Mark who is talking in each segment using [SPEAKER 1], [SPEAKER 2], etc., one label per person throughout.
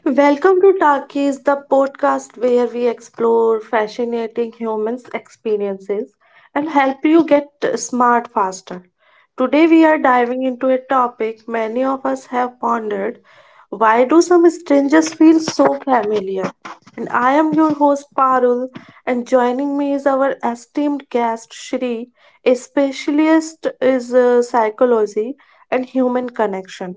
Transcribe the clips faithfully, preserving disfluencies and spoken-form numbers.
[SPEAKER 1] Welcome to Talkies, the podcast where we explore fascinating humans' experiences and help you get smart faster. Today, we are diving into a topic many of us have pondered: why do some strangers feel so familiar? And I am your host, Parul, and joining me is our esteemed guest, Shri, a specialist is uh, psychology and human connection.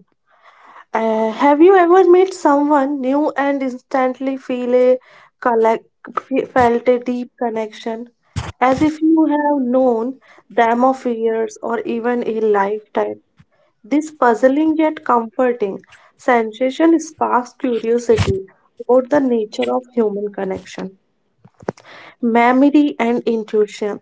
[SPEAKER 1] Uh, have you ever met someone new and instantly feel a collect, fe- felt a deep connection, as if you have known them of years or even a lifetime? This puzzling yet comforting sensation sparks curiosity about the nature of human connection memory, and intuition.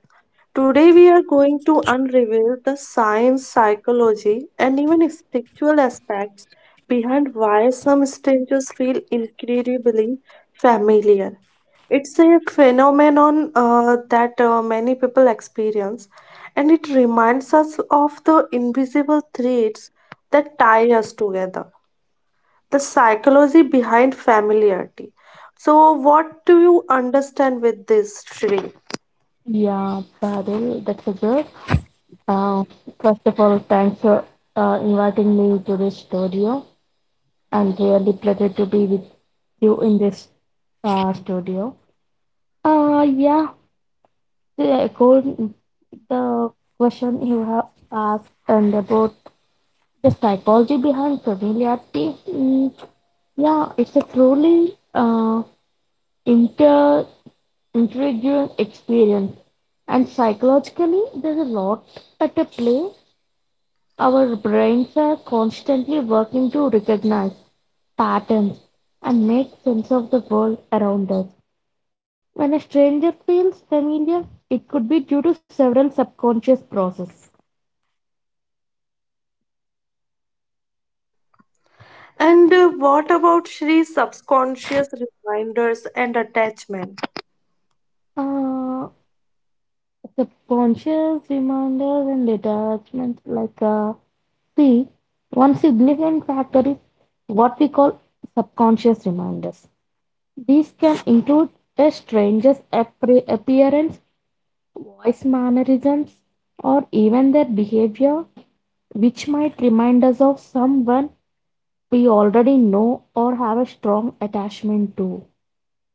[SPEAKER 1] Today, we are going to unravel the science, psychology, and even spiritual aspects behind why some strangers feel incredibly familiar. It's a phenomenon uh, that uh, many people experience, and it reminds us of the invisible threads that tie us together. The psychology behind familiarity. So, what do you understand with this, Shri?
[SPEAKER 2] Yeah, Badil, that's a good. Uh, First of all, thanks for uh, inviting me to this studio. I'm really pleased to be with you in this uh, studio. Uh, yeah, the, according the question you have asked and about the psychology behind familiarity, mm, yeah, it's a truly uh, inter intriguing experience. And psychologically, there's a lot at a play. Our brains are constantly working to recognize patterns and make sense of the world around us. When a stranger feels familiar, it could be due to several subconscious processes.
[SPEAKER 1] And uh, what about Shri subconscious reminders and attachment?
[SPEAKER 2] Uh, subconscious reminders and detachments like uh, see, one significant factor is what we call subconscious reminders. These can include a stranger's appre- appearance, voice mannerisms, or even their behavior, which might remind us of someone we already know or have a strong attachment to.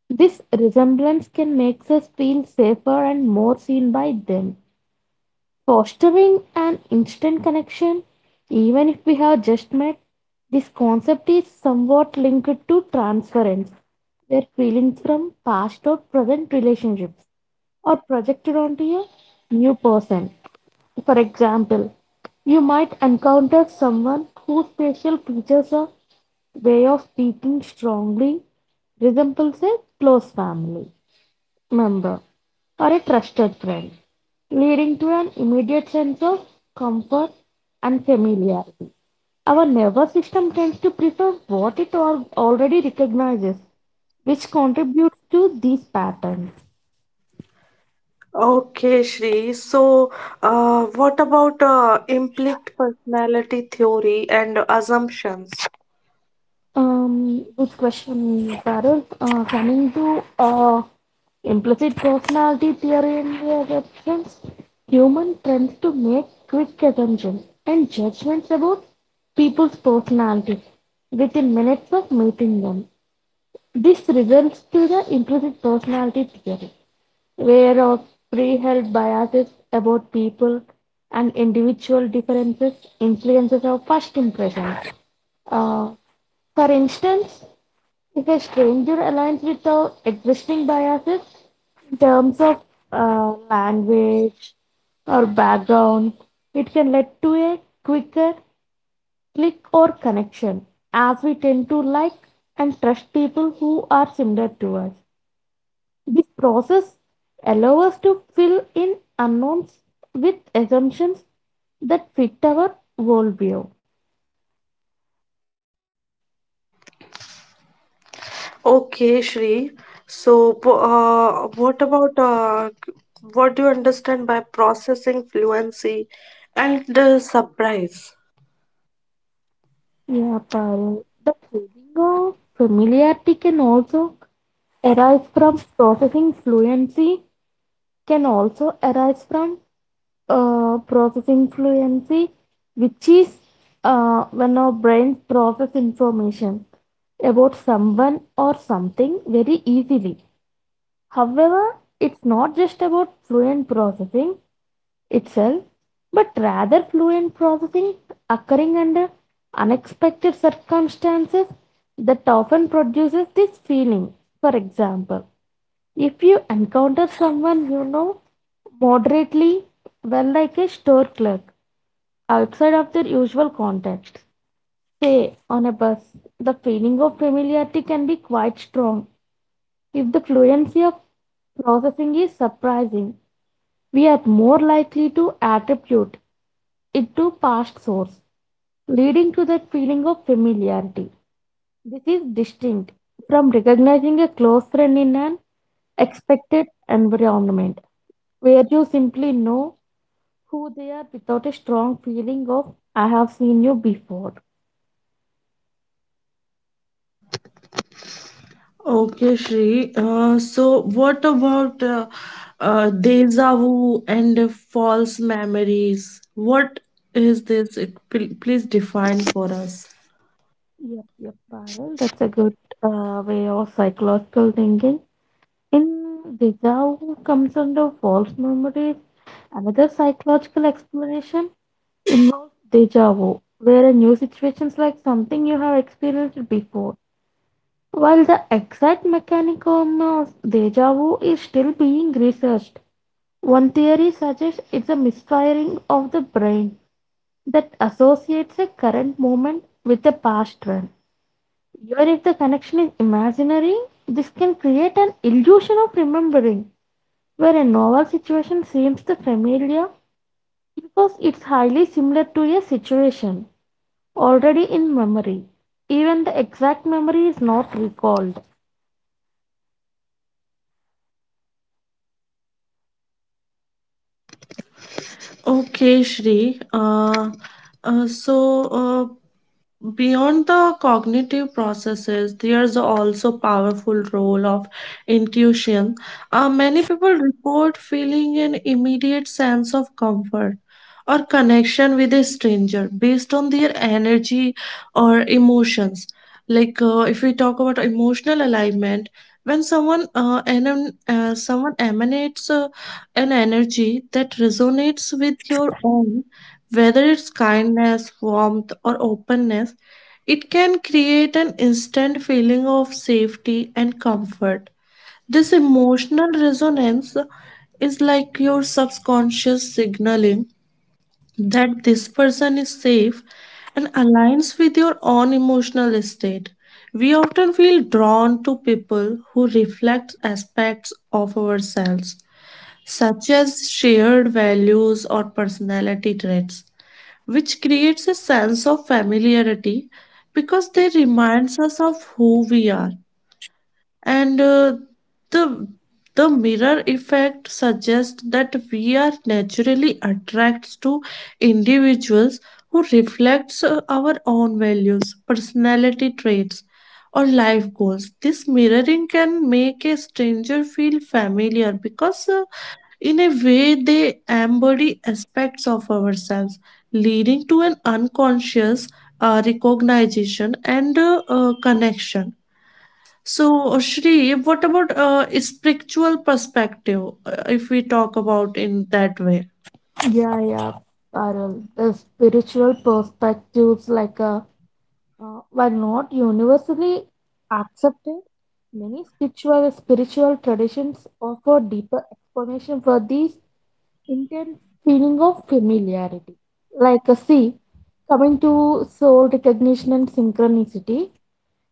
[SPEAKER 2] This resemblance can make us feel safer and more seen by them, fostering an instant connection, even if we have just met. This concept is somewhat linked to transference, where feelings from past or present relationships are projected onto a new person. For example, you might encounter someone whose facial features or way of speaking strongly resembles a close family member or a trusted friend, leading to an immediate sense of comfort and familiarity. Our nervous system tends to prefer what it al- already recognizes, which contributes to these patterns.
[SPEAKER 1] Okay, Shri. So, uh, what about uh, implicit personality theory and assumptions?
[SPEAKER 2] Um, good question, Carol. Uh, coming to uh, implicit personality theory in their reference, human tends to make quick assumptions and judgments about people's personalities within minutes of meeting them. This results to the implicit personality theory were of pre-held biases about people, and individual differences influences our first impressions. Uh, for instance, if a stranger aligns with our existing biases in terms of uh, language or background, it can lead to a quicker click or connection, as we tend to like and trust people who are similar to us. This process allows us to fill in unknowns with assumptions that fit our worldview.
[SPEAKER 1] Okay, Shri. So, po- uh, what about uh, c- what do you understand by processing fluency and uh, surprise?
[SPEAKER 2] Yeah, Parul. The feeling of familiarity can also arise from processing fluency, can also arise from uh, processing fluency, which is uh, when our brains process information about someone or something very easily. However, it's not just about fluent processing itself, but rather fluent processing occurring under unexpected circumstances that often produces this feeling. For example, if you encounter someone you know moderately well, like a store clerk, outside of their usual context, say on a bus, the feeling of familiarity can be quite strong. If the fluency of processing is surprising, we are more likely to attribute it to past source, leading to that feeling of familiarity. This is distinct from recognizing a close friend in an expected environment where you simply know who they are without a strong feeling of I have seen you before.
[SPEAKER 1] Okay, Shri. Uh, so, what about uh, uh, deja vu and false memories? What is this? It- pl- Please define for us.
[SPEAKER 2] Yep, yep, Parul. That's a good uh, way of psychological thinking. In deja vu comes under false memories. Another psychological explanation involves deja vu, where a new situation is like something you have experienced before. While the exact mechanism of deja vu is still being researched, one theory suggests it's a misfiring of the brain that associates a current moment with a past one. Even if the connection is imaginary, this can create an illusion of remembering where a novel situation seems the familiar because it's highly similar to a situation already in memory, even the exact memory is not recalled.
[SPEAKER 1] Okay, Shri. Uh, uh, so, uh, Beyond the cognitive processes, there's also powerful role of intuition. Uh, many people report feeling an immediate sense of comfort or connection with a stranger based on their energy or emotions. Like uh, if we talk about emotional alignment, when someone uh, enem- uh, someone emanates uh, an energy that resonates with your own, whether it's kindness, warmth, or openness, it can create an instant feeling of safety and comfort. This emotional resonance is like your subconscious signaling that this person is safe and aligns with your own emotional state. We often feel drawn to people who reflect aspects of ourselves, such as shared values or personality traits, which creates a sense of familiarity because they reminds us of who we are. And uh, the the mirror effect suggests that we are naturally attracted to individuals who reflects uh, our own values personality traits or life goals. This mirroring can make a stranger feel familiar because, uh, in a way, they embody aspects of ourselves, leading to an unconscious uh, recognition and uh, uh, connection. So, uh, Shri, what about uh, a spiritual perspective, uh, if we talk about in that way?
[SPEAKER 2] Yeah, yeah, Parul. The spiritual perspectives, like a, uh, while not universally accepted, many spiritual spiritual traditions offer deeper explanation for these intense feeling of familiarity. Like a see, coming to soul recognition and synchronicity,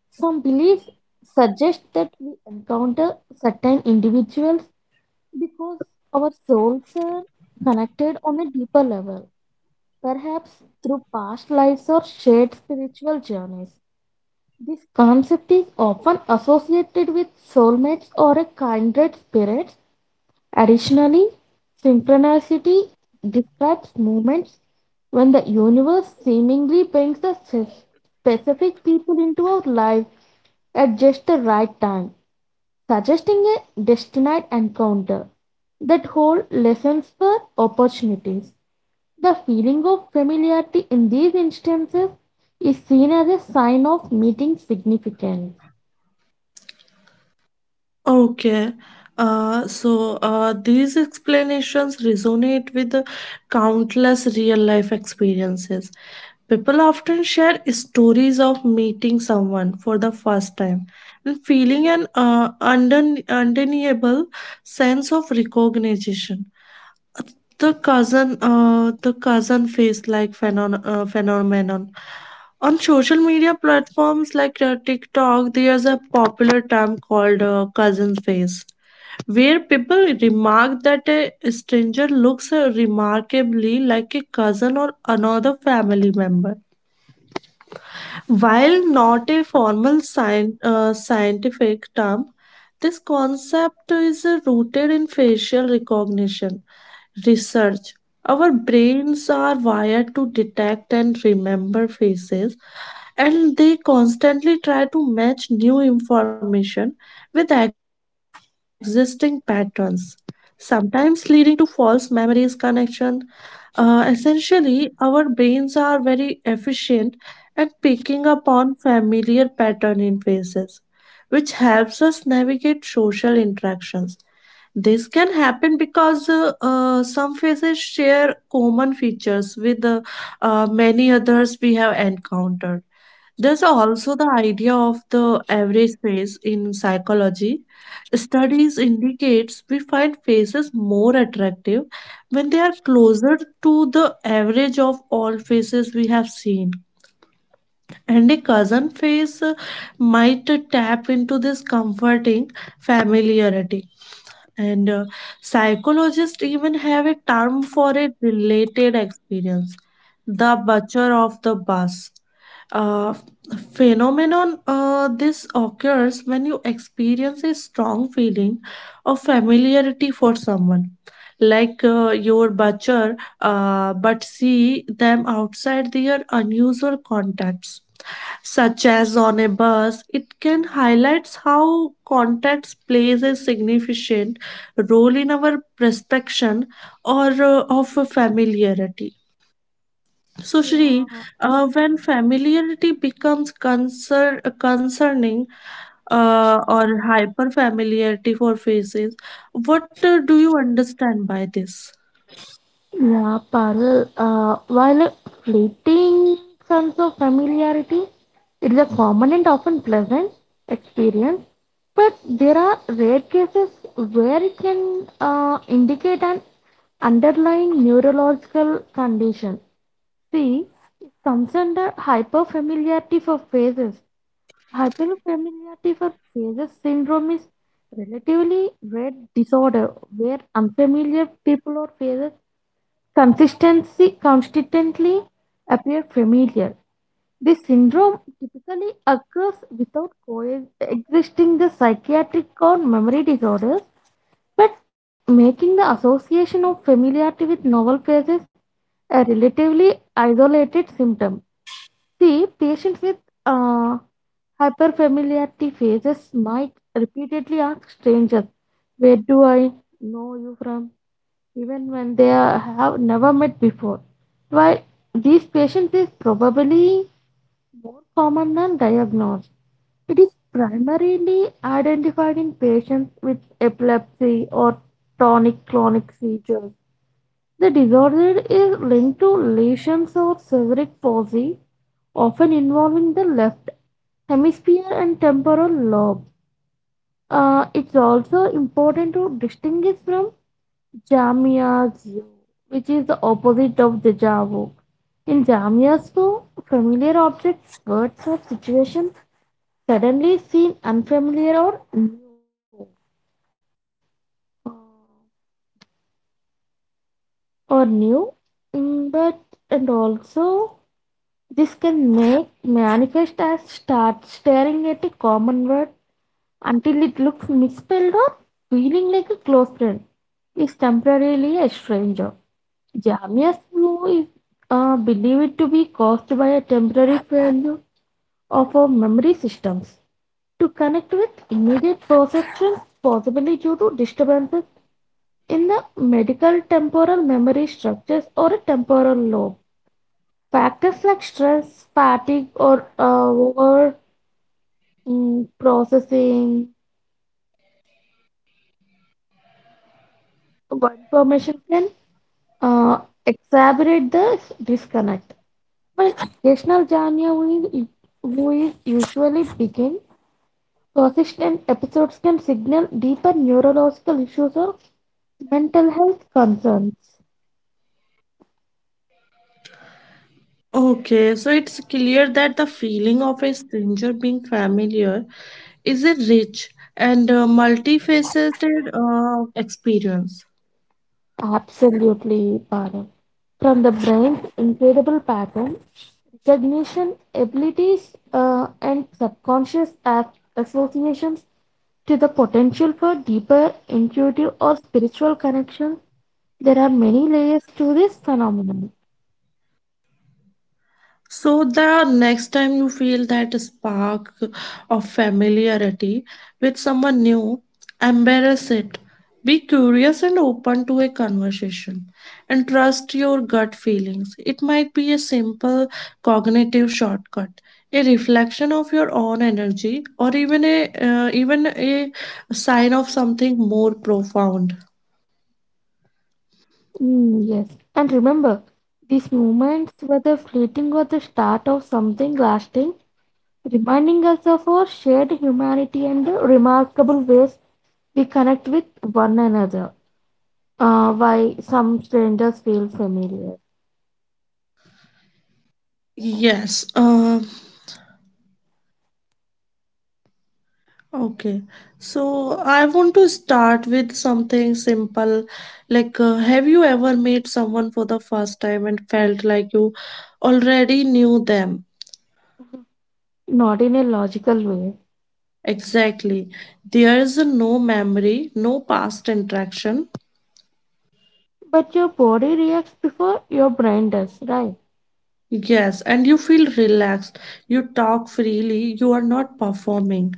[SPEAKER 2] some beliefs suggest that we encounter certain individuals because our souls are connected on a deeper level, perhaps through past lives or shared spiritual journeys. This concept is often associated with soulmates or a kindred spirit. Additionally, synchronicity describes moments when the universe seemingly brings a specific people into our life at just the right time, suggesting a destined encounter that hold lessons for opportunities. The feeling of familiarity in these instances is seen as a sign of meeting significance.
[SPEAKER 1] Okay. Uh, so uh, these explanations resonate with countless real life experiences. People often share stories of meeting someone for the first time and feeling an uh, undeni- undeniable sense of recognition. The cousin, uh, the cousin face like phenon- uh, phenomenon. On social media platforms like uh, TikTok, there's a popular term called uh, cousin face, where people remark that a stranger looks uh, remarkably like a cousin or another family member. While not a formal scien- uh, scientific term, this concept is uh, rooted in facial recognition research. Our brains are wired to detect and remember faces, and they constantly try to match new information with existing patterns, sometimes leading to false memories connection. Uh, essentially, our brains are very efficient and picking up on familiar pattern in faces, which helps us navigate social interactions. This can happen because uh, uh, some faces share common features with uh, uh, many others we have encountered. There's also the idea of the average face in psychology. Studies indicates we find faces more attractive when they are closer to the average of all faces we have seen, and a cousin face uh, might tap into this comforting familiarity. And uh, psychologists even have a term for a related experience: the butcher of the bus uh, phenomenon. Uh, this occurs when you experience a strong feeling of familiarity for someone, like uh, your butcher, uh, but see them outside their unusual contexts, such as on a bus. It can highlights how context plays a significant role in our perception or uh, of a familiarity. So,
[SPEAKER 2] Yeah,
[SPEAKER 1] Shri, uh, when familiarity becomes concern, concerning uh, or hyper familiarity for faces, what uh, do you understand by this?
[SPEAKER 2] yeah, Parul, uh, while a fleeting sense of familiarity, it is a common and often pleasant experience, but there are rare cases where it can uh, indicate an underlying neurological condition. See, some under hyperfamiliarity for phases. Hyperfamiliarity for phases syndrome is relatively rare disorder where unfamiliar people or phases consistency consistently appear familiar. This syndrome typically occurs without coexisting the psychiatric or memory disorders, but making the association of familiarity with novel phases a relatively isolated symptom. See, patients with uh, hyperfamiliarity phases might repeatedly ask strangers, "Where do I know you from?" even when they are, have never met before. While these patients is probably more common than diagnosed, it is primarily identified in patients with epilepsy or tonic clonic seizures. The disorder is linked to lesions or cerebric palsy, often involving the left hemisphere and temporal lobe. Uh, it's also important to distinguish from Jamyazoo, which is the opposite of deja vu. In Jamyazoo, familiar objects, words, or situations suddenly seem unfamiliar or new. uh, Or new, Mm, but and also this can make manifest as start staring at a common word until it looks misspelled or feeling like a close friend is temporarily a stranger. Jamia's blue is uh, believed to be caused by a temporary failure of our memory systems to connect with immediate perceptions, possibly due to disturbances in the medial temporal memory structures or a temporal lobe. Factors like stress, fatigue, or uh, over mm, processing one information can uh, exacerbate the disconnect. Well, occasional Janya is usually begin. Persistent episodes can signal deeper neurological issues or mental health concerns.
[SPEAKER 1] Okay, so it's clear that the feeling of a stranger being familiar is a rich and uh, multifaceted uh, experience.
[SPEAKER 2] Absolutely, Bharat. From the brain's incredible pattern recognition abilities, uh, and subconscious act associations to the potential for deeper intuitive or spiritual connections, there are many layers to this phenomenon.
[SPEAKER 1] So the next time you feel that spark of familiarity with someone new, embrace it. Be curious and open to a conversation and trust your gut feelings. It might be a simple cognitive shortcut, a reflection of your own energy, or even a uh, even a sign of something more profound.
[SPEAKER 2] Mm, yes. And remember, these moments, whether fleeting or the start of something lasting, reminding us of our shared humanity and the remarkable ways we connect with one another. Uh, why some strangers feel familiar,
[SPEAKER 1] Yes, uh, okay, so I want to start with something simple. Like, uh, have you ever met someone for the first time and felt like you already knew them?
[SPEAKER 2] not in a logical way,
[SPEAKER 1] Exactly. There is no memory, no past interaction.
[SPEAKER 2] but your body reacts before your brain does, right?
[SPEAKER 1] Yes, and you feel relaxed. You talk freely. You are not performing.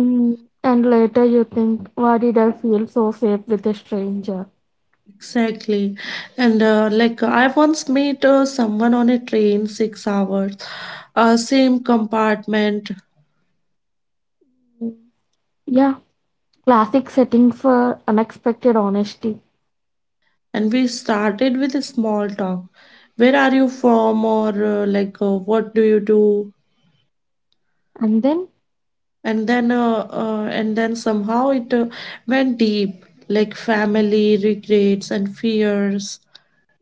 [SPEAKER 2] Mm, and later you think, why did I feel so safe with a stranger?
[SPEAKER 1] Exactly. And uh, like I once met uh, someone on a train six hours, uh, same compartment,
[SPEAKER 2] Mm, yeah, classic setting for unexpected honesty.
[SPEAKER 1] and we started with a small talk: where are you from, or uh, like uh, what do you do?
[SPEAKER 2] And then.
[SPEAKER 1] And then uh, uh, and then somehow it uh, went deep, like family regrets and fears.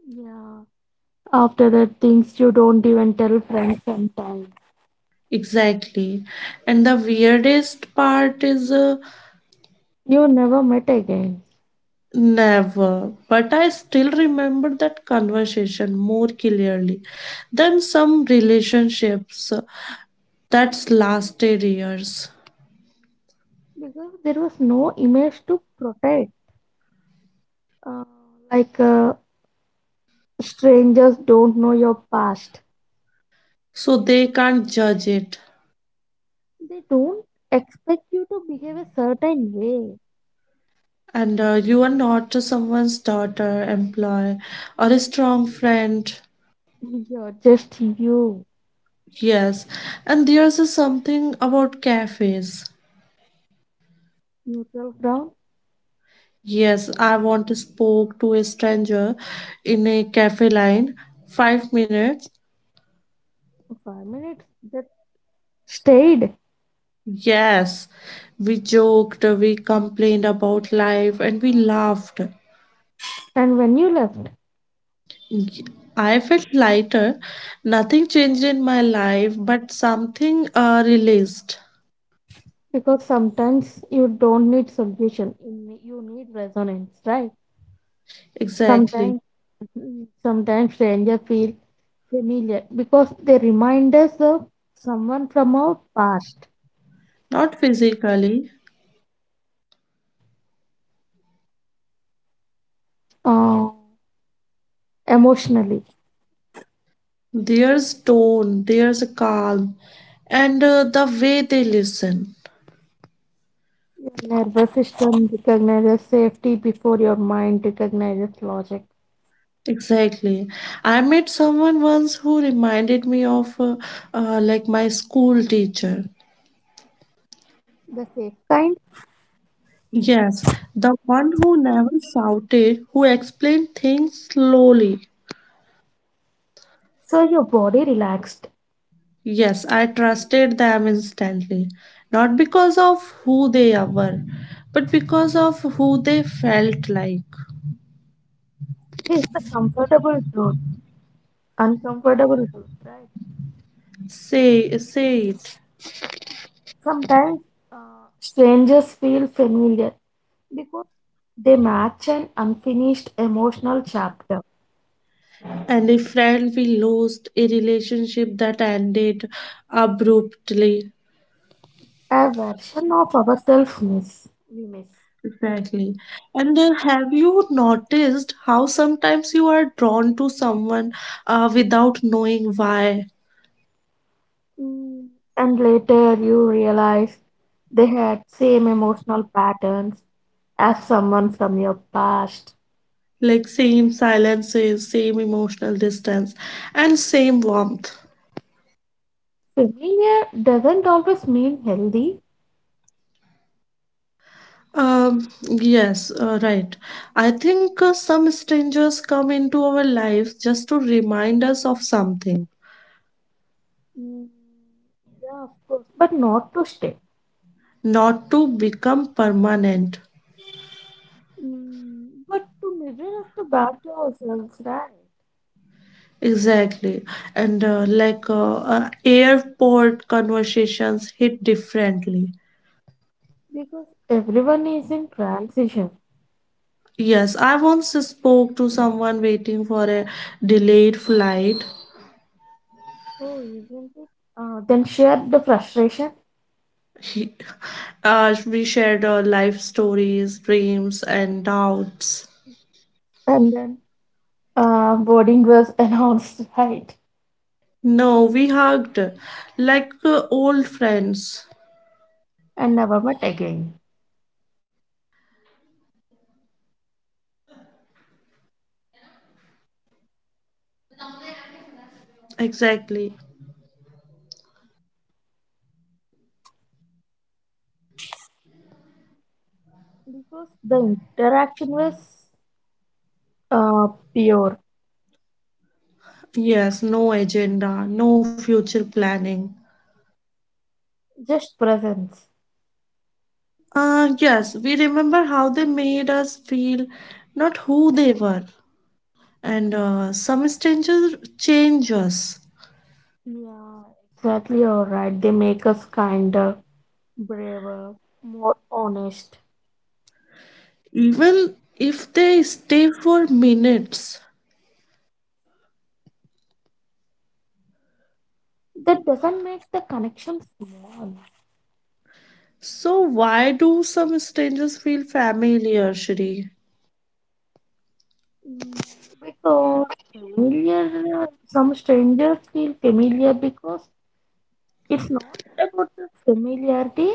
[SPEAKER 2] Yeah. After that, things you don't even tell friends sometimes.
[SPEAKER 1] Exactly. And the weirdest part is, uh,
[SPEAKER 2] You never met again
[SPEAKER 1] never, but I still remember that conversation more clearly than some relationships that's lasted years,
[SPEAKER 2] because there was no image to protect. Uh, Like uh, strangers don't know your past.
[SPEAKER 1] so they can't judge it.
[SPEAKER 2] They don't expect you to behave a certain way.
[SPEAKER 1] And uh, you are not just someone's daughter, employee, or a strong friend.
[SPEAKER 2] You're just you.
[SPEAKER 1] Yes. And there's a something about cafes.
[SPEAKER 2] Neutral ground,
[SPEAKER 1] Yes, I once spoke to a stranger in a cafe line. Five minutes.
[SPEAKER 2] five minutes that stayed.
[SPEAKER 1] Yes. We joked, we complained about life, and we laughed.
[SPEAKER 2] And when you left,
[SPEAKER 1] Y- I felt lighter. Nothing changed in my life, but something uh, released.
[SPEAKER 2] because sometimes you don't need solution, you ne- you need resonance, right?
[SPEAKER 1] Exactly.
[SPEAKER 2] Sometimes Mm, Sometimes strangers feel familiar because they remind us of someone from our past.
[SPEAKER 1] Not physically,
[SPEAKER 2] Uh, Emotionally,
[SPEAKER 1] there's tone, there's a calm, and uh, the way they listen.
[SPEAKER 2] your nervous system recognizes safety before your mind recognizes logic.
[SPEAKER 1] Exactly. I met someone once who reminded me of uh, uh, like my school teacher.
[SPEAKER 2] The safe kind,
[SPEAKER 1] Yes, the one who never shouted, who explained things slowly.
[SPEAKER 2] so your body relaxed.
[SPEAKER 1] Yes, I trusted them instantly, not because of who they were, but because of who they felt like.
[SPEAKER 2] Here's the comfortable truth, uncomfortable truth, right?
[SPEAKER 1] Say, say it.
[SPEAKER 2] Sometimes uh, strangers feel familiar because they match an unfinished emotional chapter.
[SPEAKER 1] And a friend we lost, a relationship that ended abruptly.
[SPEAKER 2] A version of ourselves miss we miss.
[SPEAKER 1] Exactly. And then have you noticed how sometimes you are drawn to someone uh, without knowing why?
[SPEAKER 2] Mm, and later you realize they had same emotional patterns as someone from your past.
[SPEAKER 1] Like same silences, same emotional distance, and same warmth.
[SPEAKER 2] Familiar doesn't always mean healthy.
[SPEAKER 1] Um, yes, uh, right. I think uh, some strangers come into our lives just to remind us of something,
[SPEAKER 2] Mm, yeah, of course, but not to stay.
[SPEAKER 1] not to become permanent.
[SPEAKER 2] Mm, but to measure us to back to ourselves, right?
[SPEAKER 1] Exactly. And uh, like uh, uh, airport conversations hit differently.
[SPEAKER 2] Because everyone is in transition.
[SPEAKER 1] Yes, I once spoke to someone waiting for a delayed flight.
[SPEAKER 2] Oh, isn't it? Uh, then share the frustration.
[SPEAKER 1] He, uh, we shared our life stories, dreams, and doubts.
[SPEAKER 2] And then. Uh, boarding was announced, right?
[SPEAKER 1] No, we hugged like uh, old friends.
[SPEAKER 2] And never met again
[SPEAKER 1] Exactly.
[SPEAKER 2] because the interaction was uh, pure,
[SPEAKER 1] Yes, no agenda, no future planning.
[SPEAKER 2] just presence.
[SPEAKER 1] Uh, yes, we remember how they made us feel, not who they were, and uh, some strangers change us,
[SPEAKER 2] Yeah, exactly. All right, they make us kinder, braver, more honest.
[SPEAKER 1] even if they stay for minutes.
[SPEAKER 2] That doesn't make the connection small.
[SPEAKER 1] So, why do some strangers feel familiar, Shri?
[SPEAKER 2] Mm, because familiar, some strangers feel familiar because it's not about the familiarity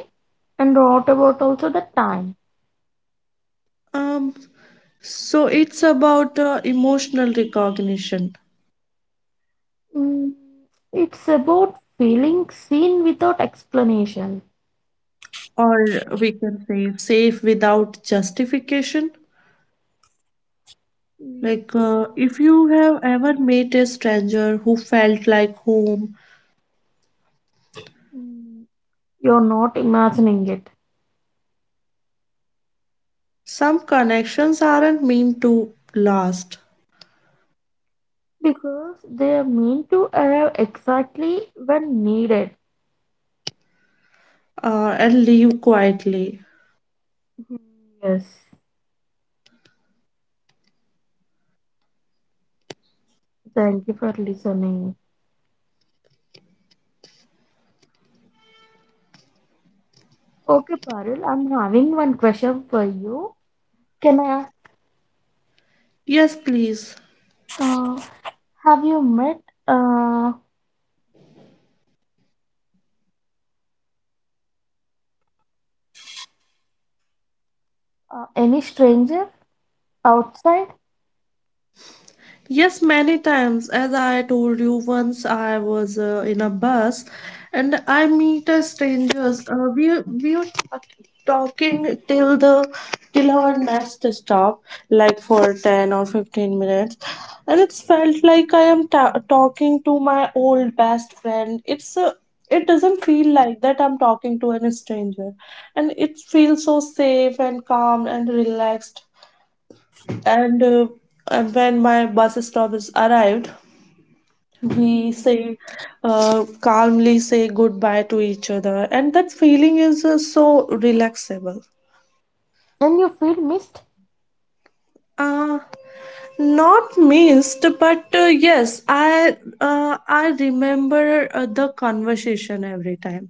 [SPEAKER 2] and not about also the time.
[SPEAKER 1] Um, so it's about uh, emotional recognition,
[SPEAKER 2] Mm, It's about feeling seen without explanation.
[SPEAKER 1] or we can say safe without justification.
[SPEAKER 2] Mm,
[SPEAKER 1] Like, uh, if you have ever met a stranger who felt like home,
[SPEAKER 2] mm. You're not imagining it
[SPEAKER 1] some connections aren't meant to last
[SPEAKER 2] because they are meant to arrive exactly when needed.
[SPEAKER 1] uh, and leave quietly.
[SPEAKER 2] Mhm. Yes, thank you for listening. Okay, Parul, I'm having one question for you. Can I ask,
[SPEAKER 1] Yes, please.
[SPEAKER 2] uh, have you met uh, uh, any stranger outside?
[SPEAKER 1] Yes, many times. As I told you, once I was uh, in a bus and I meet a strangers. Uh, we we were talking till the till our next stop, like for ten or fifteen minutes. And it's felt like I am ta talking to my old best friend. It's uh, it doesn't feel like that I'm talking to any stranger. And it feels so safe and calm and relaxed, and uh, and when my bus stop is arrived, we
[SPEAKER 2] Mm.
[SPEAKER 1] say uh, calmly say goodbye to each other, and that feeling is uh, so relaxable.
[SPEAKER 2] And you feel missed?
[SPEAKER 1] uh, Not missed, but uh, yes i uh, i remember uh, the conversation every time,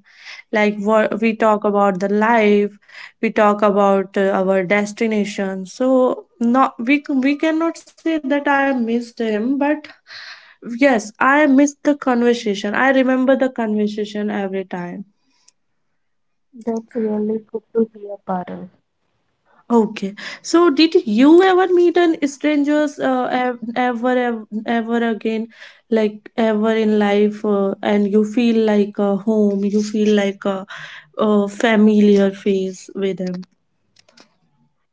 [SPEAKER 1] like what we talk about the life, we talk about uh, our destination, so not we c- we cannot say that I missed him, but yes, I missed the conversation. I remember the conversation every time.
[SPEAKER 2] That's really good to hear, Parul.
[SPEAKER 1] Okay, so did you ever meet an strangers uh, ev- ever, ev- ever again, like ever in life, uh, and you feel like a home, you feel like a, a familiar face with them?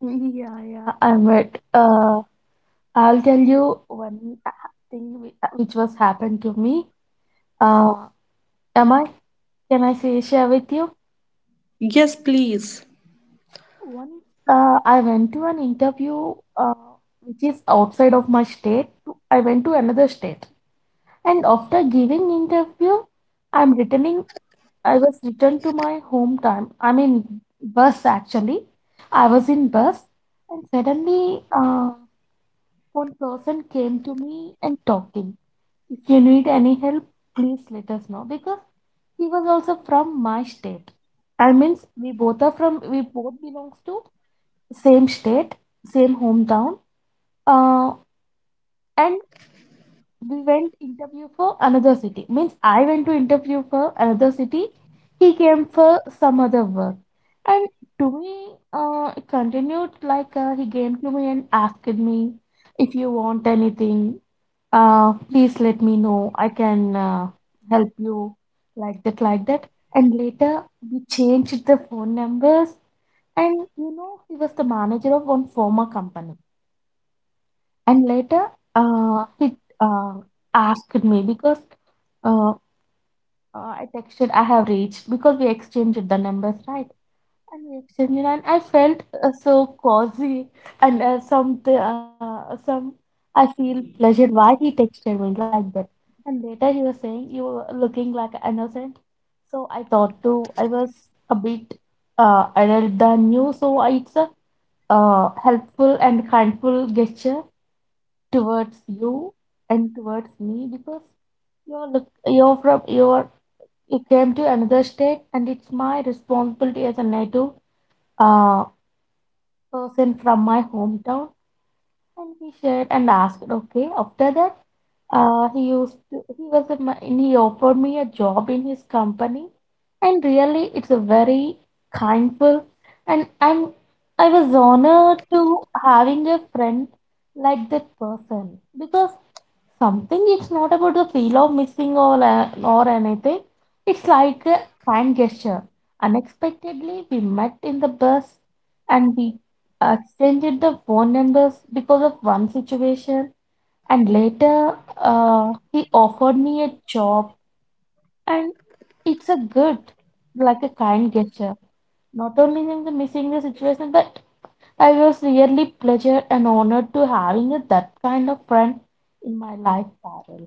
[SPEAKER 2] Yeah, yeah, I met. Uh, I'll tell you one uh, thing whi- uh, which was happened to me. Uh, am I? Can I say share with you?
[SPEAKER 1] Yes, please.
[SPEAKER 2] Once uh, I went to an interview uh, which is outside of my state. to- I went to another state, and after giving interview, I'm returning. I was returned to my hometown. I mean, bus actually. I was in bus, and suddenly, uh, one person came to me and talking. If you need any help, please let us know, because he was also from my state. I means we both are from we both belongs to same state, same hometown. Uh, and we went interview for another city. Means I went to interview for another city. He came for some other work. And to me, uh, it continued like uh, he came to me and asked me, if you want anything uh, please let me know, I can uh, help you, like that, like that and later we changed the phone numbers. And you know he was the manager of one former company, and later uh, he uh, asked me, because uh, uh, I texted I have reached, because we exchanged the numbers, right? And we exchanged, and I felt uh, so cozy, and uh, some uh, some I feel pleasure why he texted me like that. And later he was saying you were looking like innocent, so I thought too I was a bit uh, adult than you, so I- it's a uh, helpful and kindful gesture towards you and towards me, because you're look you're from you're you came to another state and it's my responsibility as a native uh, person from my hometown. And he shared and asked, okay, after that uh, he used to he was a, ma- and he offered me a job in his company, and really it's a very kindful, and I'm, I was honored to having a friend like that person, because something it's not about the feel of missing or a- or anything, it's like a kind gesture. Unexpectedly we met in the bus, and we exchanged the phone numbers because of one situation, and later uh, he offered me a job, and it's a good, like a kind gesture, not only in the missing the situation, but I was really pleasure and honored to having a, that kind of friend in my life, Parul.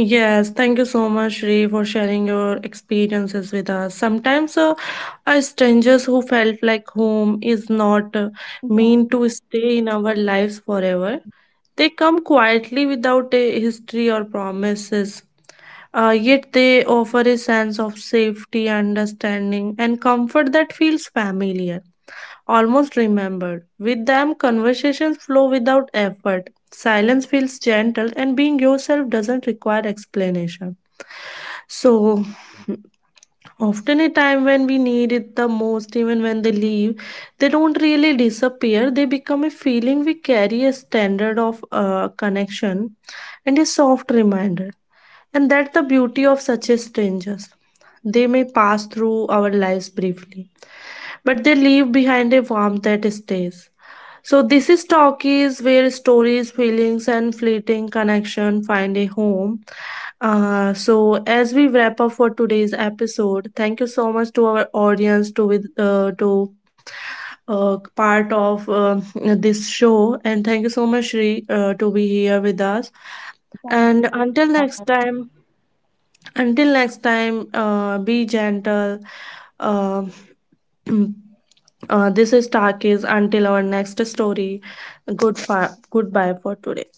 [SPEAKER 1] Yes, thank you so much, Ree, for sharing your experiences with us. Sometimes uh, a strangers who felt like home is not uh,
[SPEAKER 2] Yeah,
[SPEAKER 1] mean to stay in our lives forever. They come quietly without a history or promises. Uh, yet they offer a sense of safety, understanding, and comfort that feels familiar. Almost remembered. With them, conversations flow without effort. Silence feels gentle, and being yourself doesn't require explanation. So, often a time when we need it the most, even when they leave, they don't really disappear. They become a feeling we carry, a standard of uh, connection, and a soft reminder. And that's the beauty of such a strangers. They may pass through our lives briefly, but they leave behind a warmth that stays. So this is talkies, where stories, feelings, and fleeting connection find a home. Uh, so as we wrap up for today's episode, thank you so much to our audience to with uh, to uh, part of um this show, and thank you so much, Shri, uh, to be here with us.
[SPEAKER 2] 战
[SPEAKER 1] And
[SPEAKER 2] 就在
[SPEAKER 1] until next time, until next time, uh, be gentle. Um Uh, this is Takis. Until our next story, good fi- goodbye for today.